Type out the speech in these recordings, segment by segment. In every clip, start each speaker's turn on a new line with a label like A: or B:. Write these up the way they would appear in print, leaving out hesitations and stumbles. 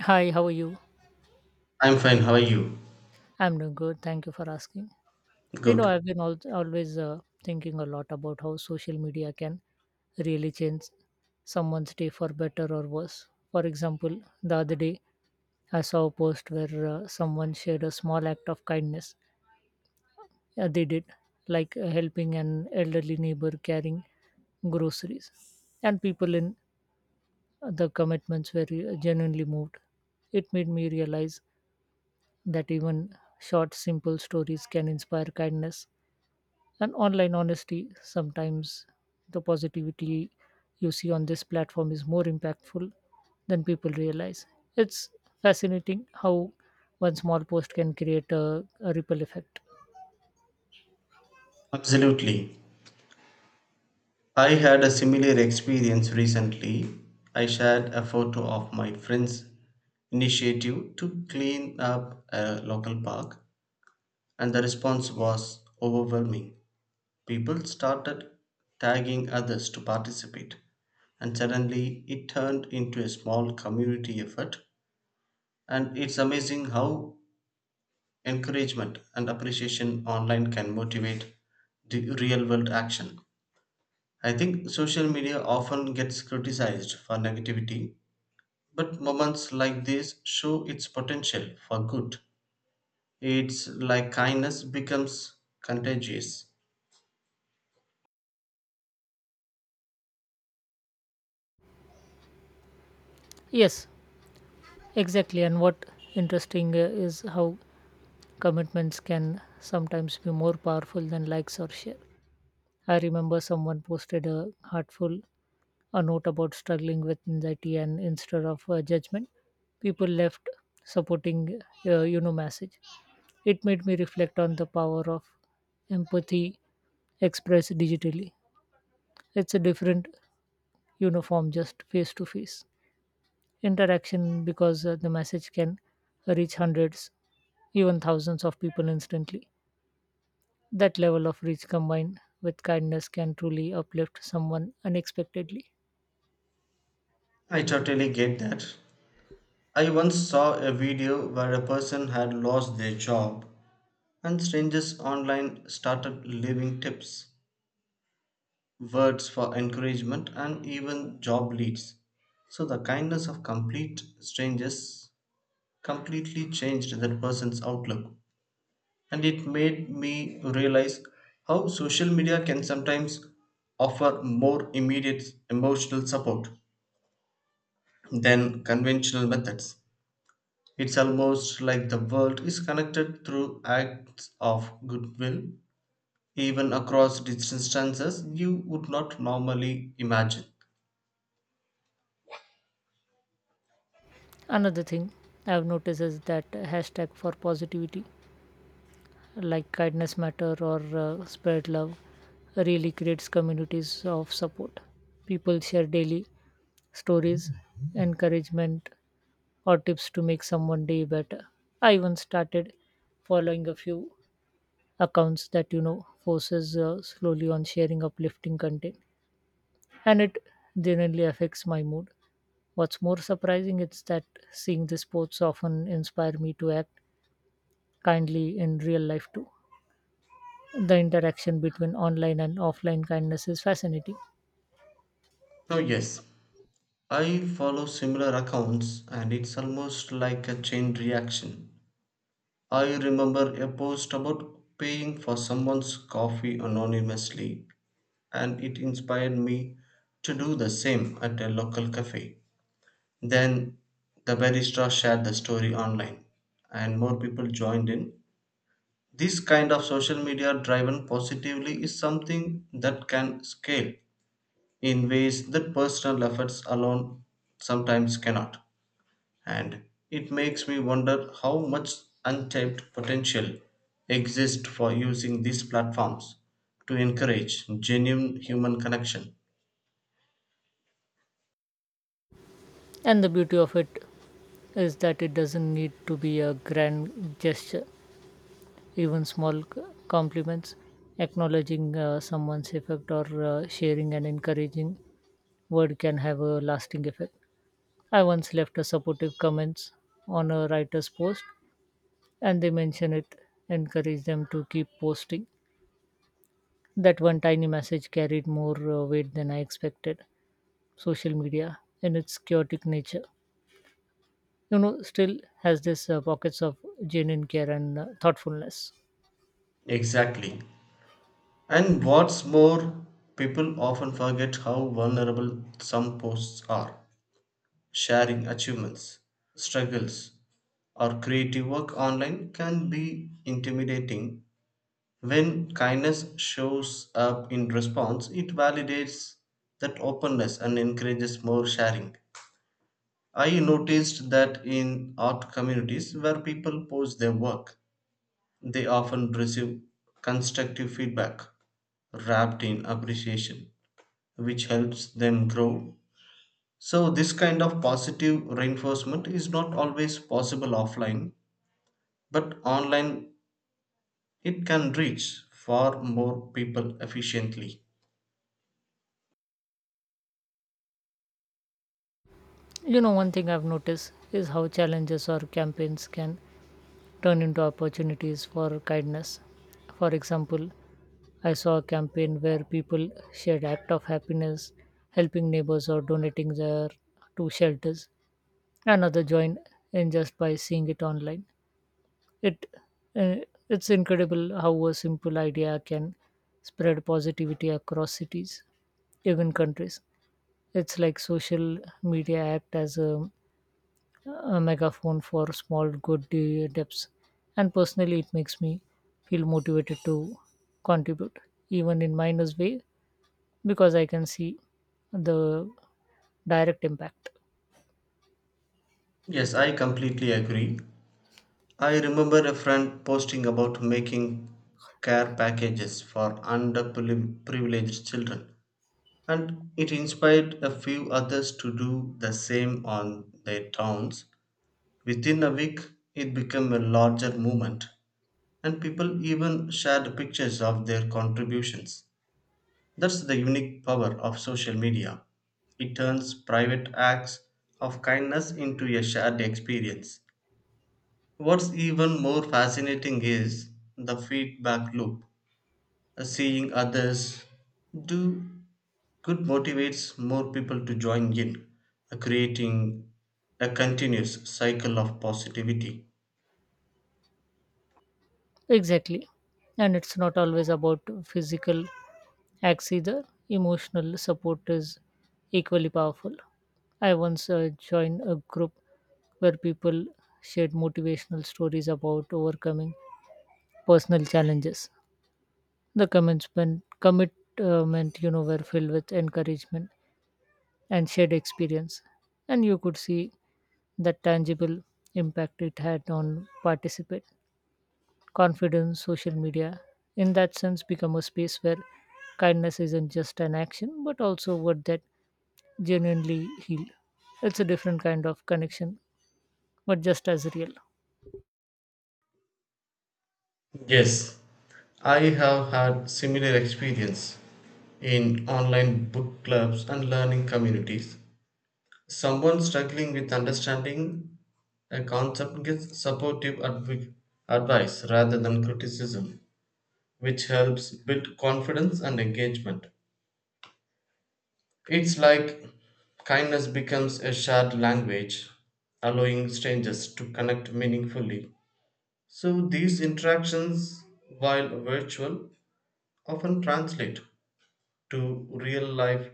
A: Hi, how are you?
B: I'm fine. How are you?
A: I'm doing good. Thank you for asking. You know,
B: Good.
A: I've been always thinking a lot about how social media can really change someone's day for better or worse. For example, the other day I saw a post where someone shared a small act of kindness they did, like helping an elderly neighbor carrying groceries. And people in the commitments were genuinely moved. It made me realize that even short, simple stories can inspire kindness and online honesty. Sometimes the positivity you see on this platform is more impactful than people realize. It's fascinating how one small post can create a ripple effect.
B: Absolutely. I had a similar experience recently. I shared a photo of my friend's initiative to clean up a local park, and the response was overwhelming. People started tagging others to participate, and suddenly it turned into a small community effort. And it's amazing how encouragement and appreciation online can motivate the real world action. I think social media often gets criticized for negativity, but moments like this show its potential for good. It's like kindness becomes contagious.
A: Yes, exactly. And what interesting is how commitments can sometimes be more powerful than likes or share. I remember someone posted a heartful A note about struggling with anxiety, and instead of judgment, people left supporting, message. It made me reflect on the power of empathy expressed digitally. It's a different uniform, just face to face interaction because the message can reach hundreds, even thousands of people instantly. That level of reach combined with kindness can truly uplift someone unexpectedly.
B: I totally get that. I once saw a video where a person had lost their job and strangers online started leaving tips, words for encouragement, and even job leads. So the kindness of complete strangers completely changed that person's outlook. And it made me realize how social media can sometimes offer more immediate emotional support than conventional methods. It's almost like the world is connected through acts of goodwill, even across distances you would not normally imagine.
A: Another thing I've noticed is that hashtag for positivity, like kindness matter or spread love, really creates communities of support. People share daily stories, encouragement, or tips to make someone day better. I even started following a few accounts that forces slowly on sharing uplifting content, and it genuinely affects my mood. What's more surprising is that seeing these posts often inspire me to act kindly in real life too. The interaction between online and offline kindness is fascinating.
B: So, yes, I follow similar accounts, and it's almost like a chain reaction. I remember a post about paying for someone's coffee anonymously, and it inspired me to do the same at a local cafe. Then the barista shared the story online, and more people joined in. This kind of social media driven positively is something that can scale in ways that personal efforts alone sometimes cannot. And it makes me wonder how much untapped potential exists for using these platforms to encourage genuine human connection.
A: And the beauty of it is that it doesn't need to be a grand gesture. Even small compliments, acknowledging someone's effect, or sharing an encouraging word can have a lasting effect. I once left a supportive comments on a writer's post, and they mentioned it encouraged them to keep posting. That one tiny message carried more weight than I expected. Social media, in its chaotic nature, still has this pockets of genuine care and thoughtfulness.
B: Exactly. And what's more, people often forget how vulnerable some posts are. Sharing achievements, struggles, or creative work online can be intimidating. When kindness shows up in response, it validates that openness and encourages more sharing. I noticed that in art communities where people post their work, they often receive constructive feedback wrapped in appreciation, which helps them grow. So, this kind of positive reinforcement is not always possible offline, but online it can reach far more people efficiently.
A: One thing I've noticed is how challenges or campaigns can turn into opportunities for kindness. For example, I saw a campaign where people shared act of happiness, helping neighbors or donating their to shelters. Another joined in just by seeing it online. It uh, it's incredible how a simple idea can spread positivity across cities, even countries. It's like social media act as a megaphone for small good depths. And personally, it makes me feel motivated to contribute, even in minus way, because I can see the direct impact.
B: Yes, I completely agree. I remember a friend posting about making care packages for underprivileged children, and it inspired a few others to do the same on their towns. Within a week, it became a larger movement, and people even shared pictures of their contributions. That's the unique power of social media. It turns private acts of kindness into a shared experience. What's even more fascinating is the feedback loop. Seeing others do good motivates more people to join in, creating a continuous cycle of positivity.
A: Exactly. And it's not always about physical acts either, emotional support is equally powerful. I once joined a group where people shared motivational stories about overcoming personal challenges. The commitment, were filled with encouragement and shared experience, and you could see the tangible impact it had on participants. Confidence, social media, in that sense, become a space where kindness isn't just an action, but also what that genuinely heal. It's a different kind of connection, but just as real.
B: Yes, I have had similar experience in online book clubs and learning communities. Someone struggling with understanding a concept gets supportive advice rather than criticism, which helps build confidence and engagement. It's like kindness becomes a shared language, allowing strangers to connect meaningfully. So these interactions, while virtual, often translate to real life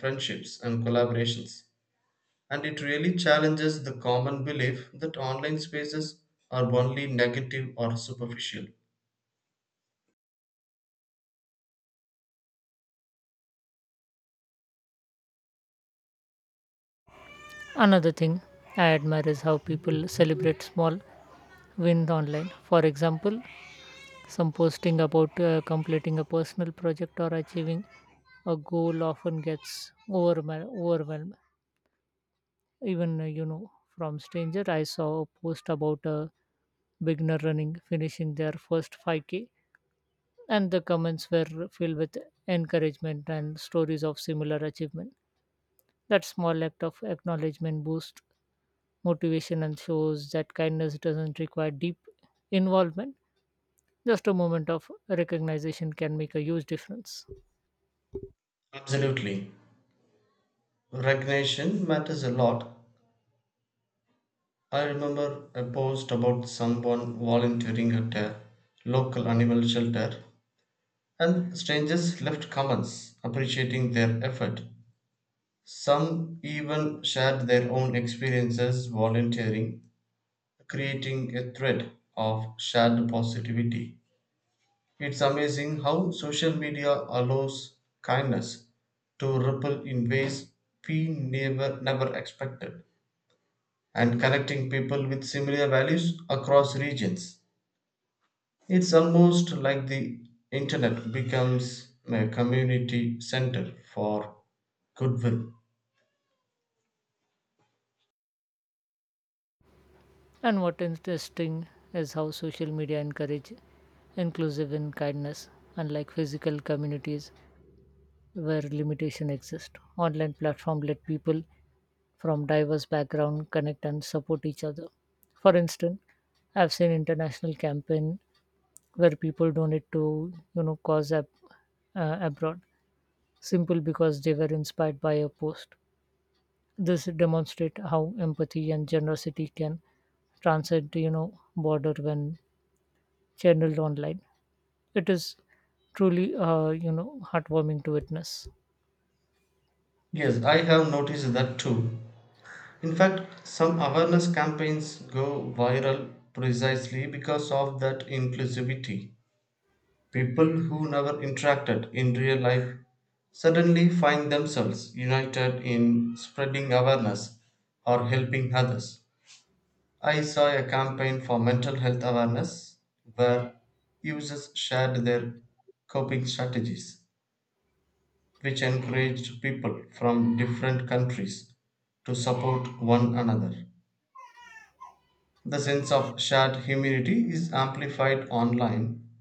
B: friendships and collaborations. And it really challenges the common belief that online spaces are only negative or superficial.
A: Another thing I admire is how people celebrate small wins online. For example, some posting about completing a personal project or achieving a goal often gets overwhelmed. Even from stranger, I saw a post about a beginner running finishing their first 5k, and the comments were filled with encouragement and stories of similar achievement. That small act of acknowledgement boosts motivation and shows that kindness doesn't require deep involvement. Just a moment of recognition can make a huge difference.
B: Absolutely. Recognition matters a lot. I remember a post about someone volunteering at a local animal shelter, and strangers left comments appreciating their effort. Some even shared their own experiences volunteering, creating a thread of shared positivity. It's amazing how social media allows kindness to ripple in ways we never expected and connecting people with similar values across regions. It's almost like the internet becomes a community center for goodwill.
A: And what interesting is how social media encourage inclusive in kindness, unlike physical communities where limitation exist. Online platform let people from diverse background connect and support each other. For instance, I've seen international campaign where people donate to cause abroad simple because they were inspired by a post. This demonstrate how empathy and generosity can transcend border when channeled online. It is truly heartwarming to witness.
B: Yes, I have noticed that too. In fact, some awareness campaigns go viral precisely because of that inclusivity. People who never interacted in real life suddenly find themselves united in spreading awareness or helping others. I saw a campaign for mental health awareness where users shared their coping strategies, which encouraged people from different countries to support one another. The sense of shared humanity is amplified online,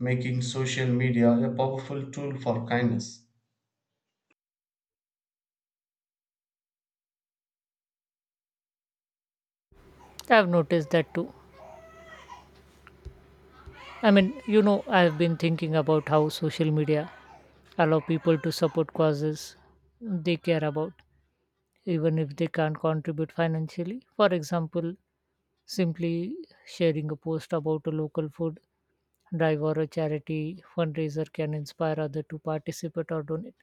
B: making social media a powerful tool for kindness.
A: I've noticed that too. I mean, I've been thinking about how social media allow people to support causes they care about, even if they can't contribute financially. For example, simply sharing a post about a local food drive or a charity fundraiser can inspire others to participate or donate.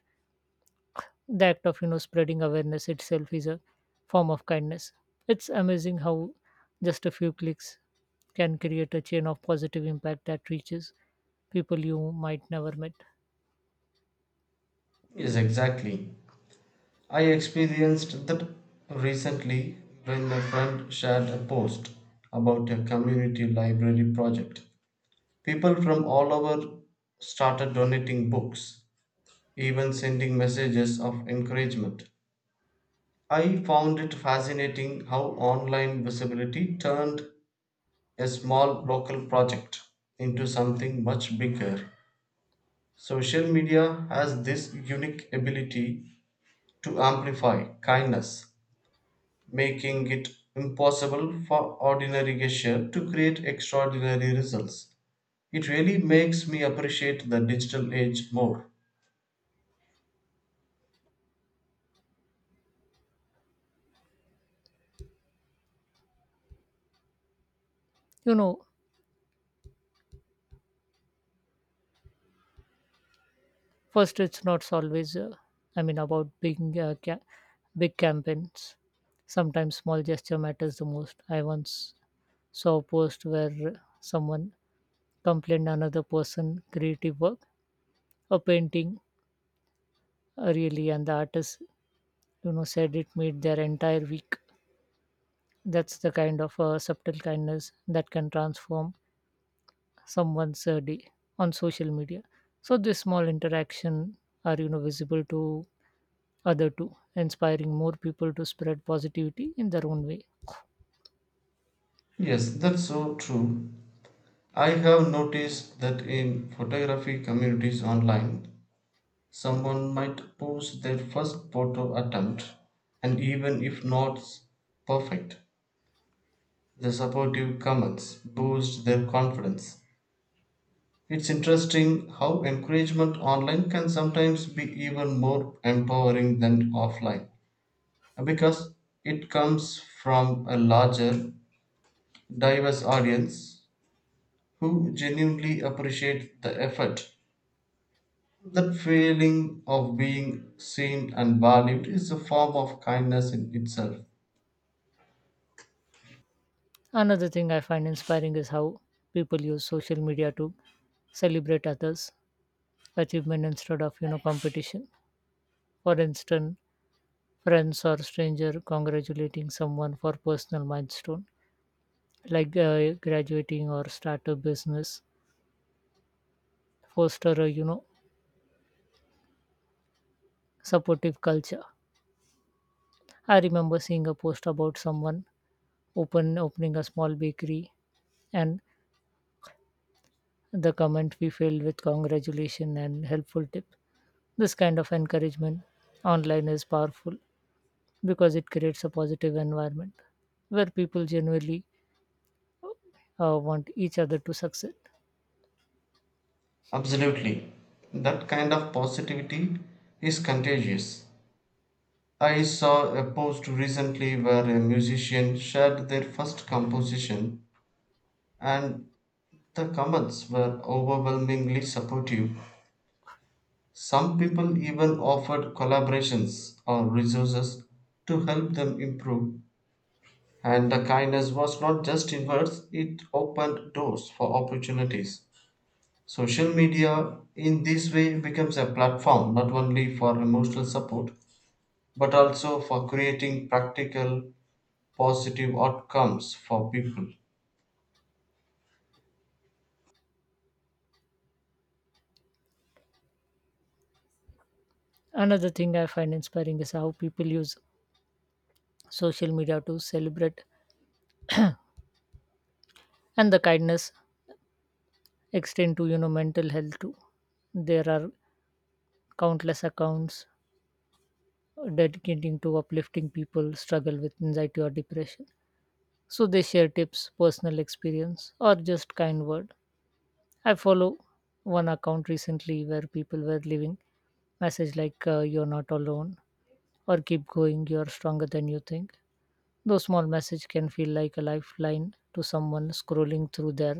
A: The act of spreading awareness itself is a form of kindness. It's amazing how just a few clicks can create a chain of positive impact that reaches people you might never met.
B: Yes, exactly. I experienced that recently when a friend shared a post about a community library project. People from all over started donating books, even sending messages of encouragement. I found it fascinating how online visibility turned a small local project into something much bigger. Social media has this unique ability to amplify kindness, making it impossible for ordinary gesture to create extraordinary results. It really makes me appreciate the digital age more.
A: you know First, it's not always I mean about big big campaigns. Sometimes small gesture matters the most. I once saw a post where someone complained another person creative work, a painting, really, and the artist said it made their entire week. That's the kind of subtle kindness that can transform someone's day on social media. So this small interaction are visible to other too, inspiring more people to spread positivity in their own way.
B: Yes, that's so true. I have noticed that in photography communities online, someone might post their first photo attempt, and even if not perfect, the supportive comments boost their confidence. It's interesting how encouragement online can sometimes be even more empowering than offline because it comes from a larger, diverse audience who genuinely appreciate the effort. That feeling of being seen and valued is a form of kindness in itself.
A: Another thing I find inspiring is how people use social media to celebrate others achievement instead of competition. For instance, friends or stranger congratulating someone for personal milestone, like graduating or start a business, foster a supportive culture. I remember seeing a post about someone opening a small bakery, and the comment we filled with congratulation and helpful tip. This kind of encouragement online is powerful because it creates a positive environment where people genuinely want each other to succeed.
B: Absolutely. That kind of positivity is contagious. I saw a post recently where a musician shared their first composition, and the comments were overwhelmingly supportive. Some people even offered collaborations or resources to help them improve. And the kindness was not just in words, it opened doors for opportunities. Social media in this way becomes a platform not only for emotional support but also for creating practical positive outcomes for people.
A: Another thing I find inspiring is how people use social media to celebrate, and the kindness extend to mental health too. There are countless accounts dedicating to uplifting people struggle with anxiety or depression. So they share tips, personal experience, or just kind word. I follow one account recently where people were leaving message like you're not alone, or keep going, you're stronger than you think. Those small message can feel like a lifeline to someone scrolling through their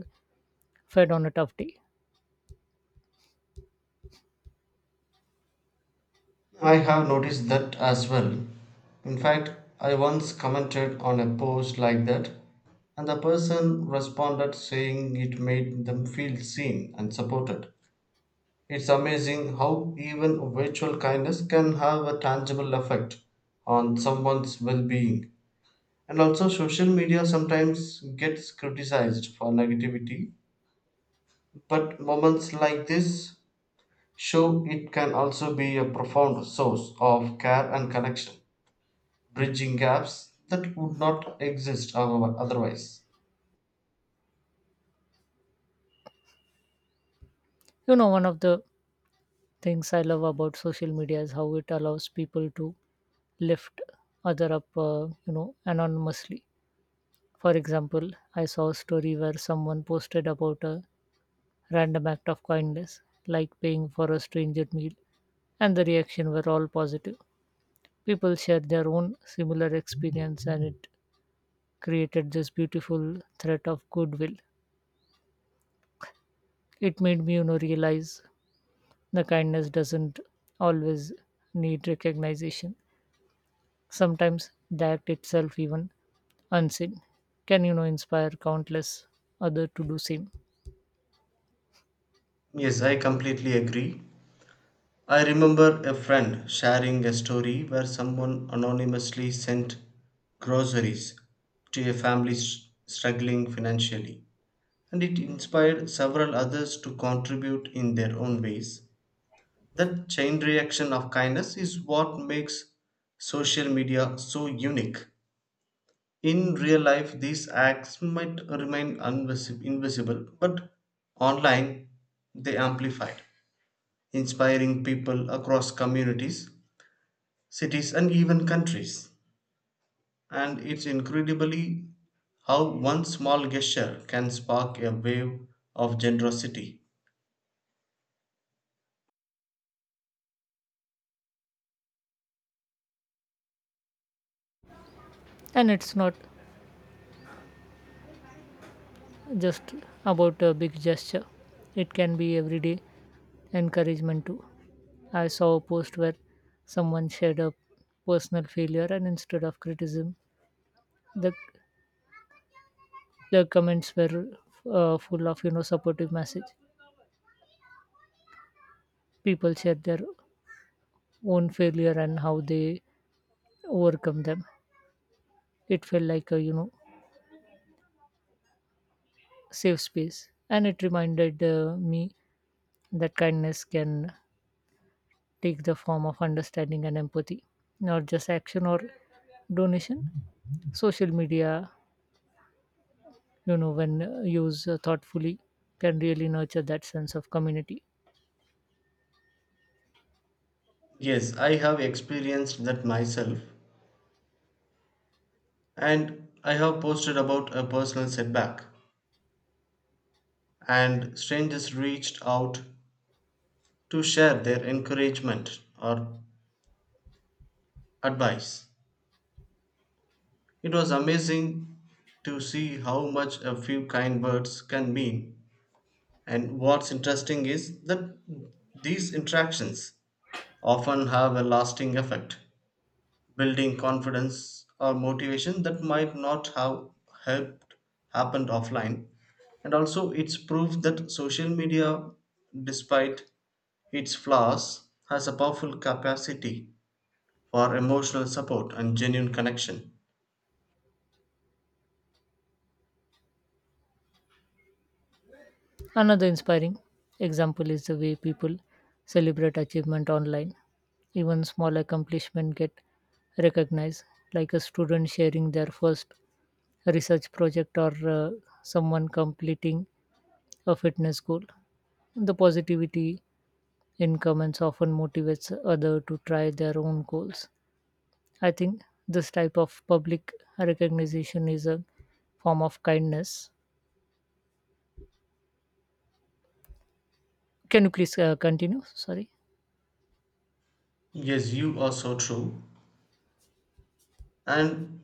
A: fed on a tough day.
B: I have noticed that as well. In fact, I once commented on a post like that, and the person responded saying it made them feel seen and supported. It's amazing how even virtual kindness can have a tangible effect on someone's well being. And also, social media sometimes gets criticized for negativity, but moments like this show it can also be a profound source of care and connection, bridging gaps that would not exist otherwise.
A: One of the things I love about social media is how it allows people to lift other up, anonymously. For example, I saw a story where someone posted about a random act of kindness, like paying for a stranger meal, and the reaction were all positive. People shared their own similar experience, and it created this beautiful thread of goodwill. It made me, realize the kindness doesn't always need recognition. Sometimes the act itself, even unseen, can inspire countless other to do same.
B: Yes, I completely agree. I remember a friend sharing a story where someone anonymously sent groceries to a family struggling financially, and it inspired several others to contribute in their own ways. That chain reaction of kindness is what makes social media so unique. In real life, these acts might remain invisible, but online they amplified, inspiring people across communities, cities, and even countries. And it's incredibly how one small gesture can spark a wave of generosity.
A: And it's not just about a big gesture; it can be everyday encouragement too. I saw a post where someone shared a personal failure, and instead of criticism, the the comments were full of supportive message. People shared their own failure and how they overcome them. It felt like a safe space. And it reminded me that kindness can take the form of understanding and empathy, not just action or donation. Social media, when used thoughtfully, can really nurture that sense of community.
B: Yes, I have experienced that myself, and I have posted about a personal setback, and strangers reached out to share their encouragement or advice. It was amazing to see how much a few kind words can mean. And what's interesting is that these interactions often have a lasting effect, building confidence or motivation that might not have helped happened offline. And also it's proof that social media, despite its flaws, has a powerful capacity for emotional support and genuine connection.
A: Another inspiring example is the way people celebrate achievement online. Even small accomplishments get recognized, like a student sharing their first research project or someone completing a fitness goal. The positivity in comments often motivates other to try their own goals. I think this type of public recognition is a form of kindness. Can you please continue? Sorry.
B: Yes, you are so true. And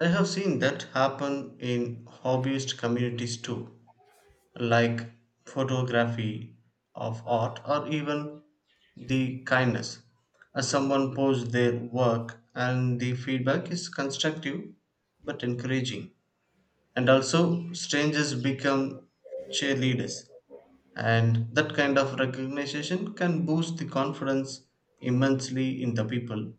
B: I have seen that happen in hobbyist communities too, like photography of art or even the kindness. Someone posts their work and the feedback is constructive but encouraging. And also, strangers become cheerleaders. And that kind of recognition can boost the confidence immensely in the people.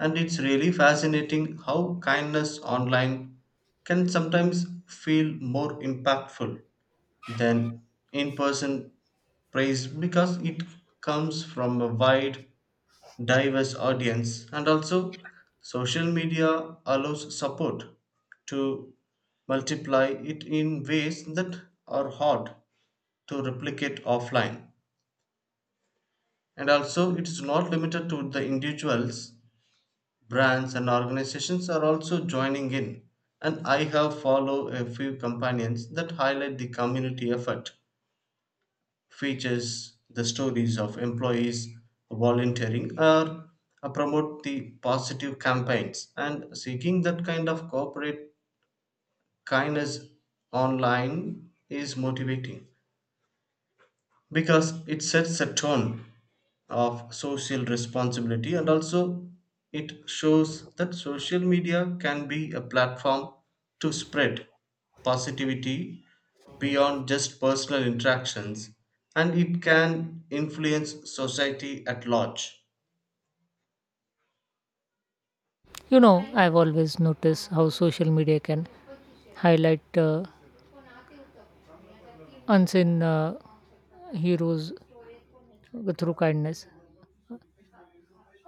B: And it's really fascinating how kindness online can sometimes feel more impactful than in person praise, because it comes from a wide diverse audience. And also social media allows support to multiply it in ways that are hard to replicate offline. And also it is not limited to the individuals, brands and organizations are also joining in. And I have followed a few companions that highlight the community effort, features the stories of employees volunteering or promote the positive campaigns. And seeking that kind of corporate kindness online is motivating because it sets a tone of social responsibility. And also it shows that social media can be a platform to spread positivity beyond just personal interactions, and it can influence society at large.
A: You know, I've always noticed how social media can highlight unseen heroes through kindness.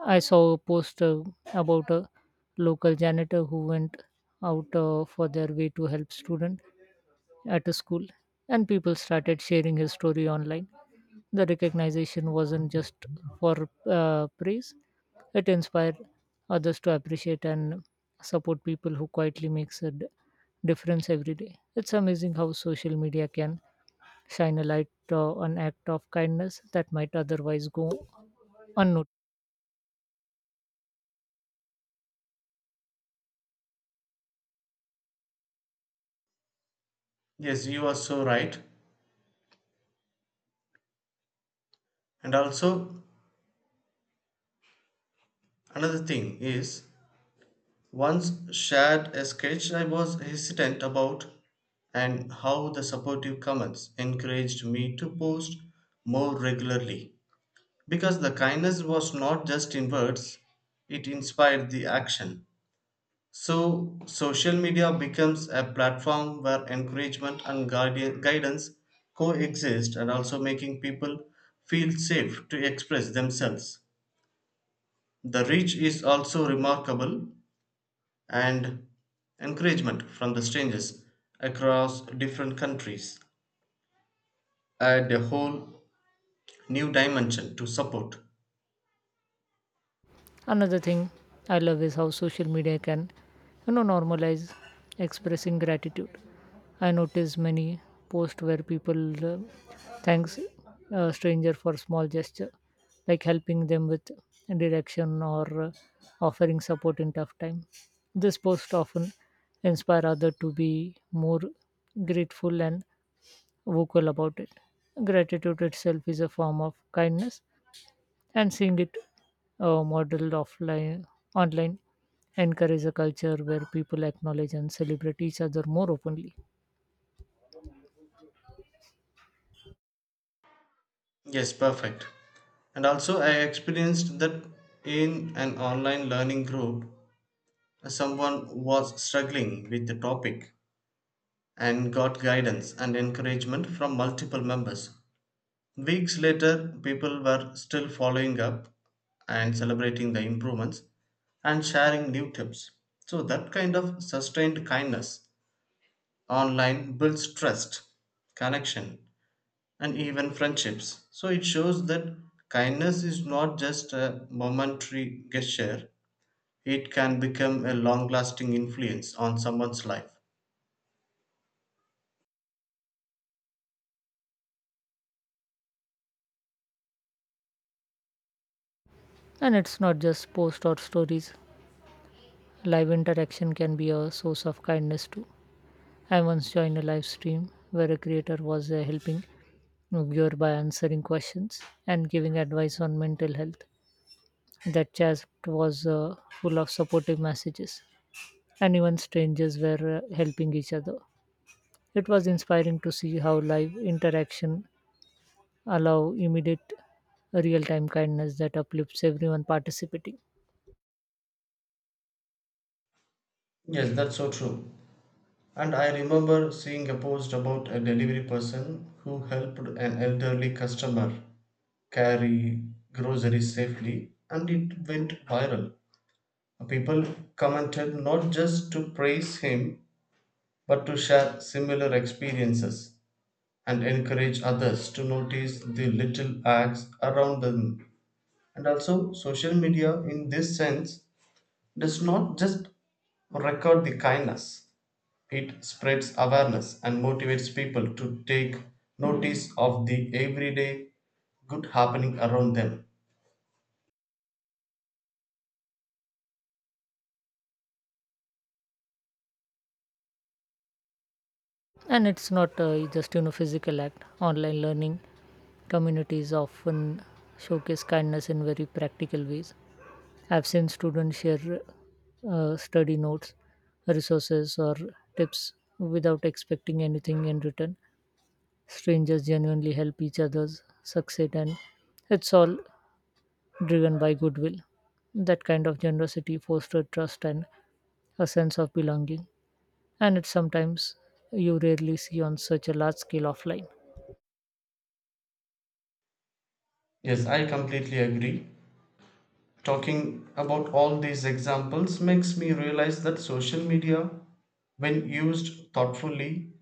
A: I saw a post about a local janitor who went out for their way to help student at a school, and people started sharing his story online. The recognition wasn't just for praise, it inspired others to appreciate and support people who quietly makes a difference every day. It's amazing how social media can shine a light on act of kindness that might otherwise go unnoticed.
B: Yes, you are so right. And also, another thing is, once shared a sketch I was hesitant about, and how the supportive comments encouraged me to post more regularly, because the kindness was not just in words, it inspired the action. So social media becomes a platform where encouragement and guidance coexist, and also making people feel safe to express themselves. The reach is also remarkable, and encouragement from the strangers across different countries add a whole new dimension to support.
A: Another thing I love is how social media can, normalize expressing gratitude. I notice many posts where people thanks a stranger for small gesture, like helping them with direction or offering support in tough time. This post often inspire others to be more grateful and vocal about it. Gratitude itself is a form of kindness, and seeing it modeled offline online encourage a culture where people acknowledge and celebrate each other more openly.
B: Yes, perfect. And also, I experienced that in an online learning group, someone was struggling with the topic and got guidance and encouragement from multiple members. Weeks later, people were still following up and celebrating the improvements and sharing new tips. So, that kind of sustained kindness online builds trust, connection, and even friendships. So it shows that kindness is not just a momentary gesture, it can become a long lasting influence on someone's life.
A: And it's not just posts or stories, live interaction can be a source of kindness too. I once joined a live stream where a creator was helping a viewer by answering questions and giving advice on mental health. That chat was full of supportive messages, and even strangers were helping each other. It was inspiring to see how live interaction allow immediate real-time kindness that uplifts everyone participating.
B: Yes, that's so true. And I remember seeing a post about a delivery person who helped an elderly customer carry groceries safely, and it went viral. People commented not just to praise him but to share similar experiences, and encourage others to notice the little acts around them. And also, social media in this sense does not just record the kindness, it spreads awareness and motivates people to take notice of the everyday good happening around them.
A: And it's not just physical act. Online learning communities often showcase kindness in very practical ways. I've seen students share study notes, resources, or tips without expecting anything in return. Strangers genuinely help each other's succeed, and it's all driven by goodwill. That kind of generosity fosters trust and a sense of belonging, and it's sometimes you rarely see on such a large scale offline.
B: Yes, I completely agree. Talking about all these examples makes me realize that social media, when used thoughtfully,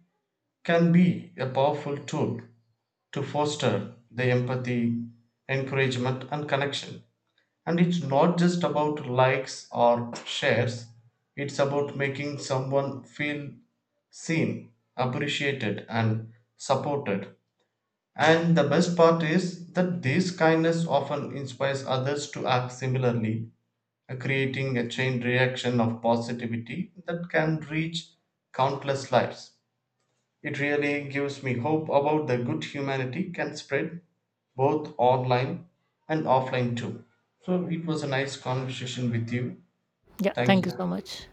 B: can be a powerful tool to foster the empathy, encouragement, and connection. And it's not just about likes or shares, it's about making someone feel seen, appreciated, and supported. And the best part is that this kindness often inspires others to act similarly, creating a chain reaction of positivity that can reach countless lives. It really gives me hope about the good humanity can spread both online and offline too. So it was a nice conversation with you.
A: Yeah,
B: Thank
A: thank you
B: you.
A: so much.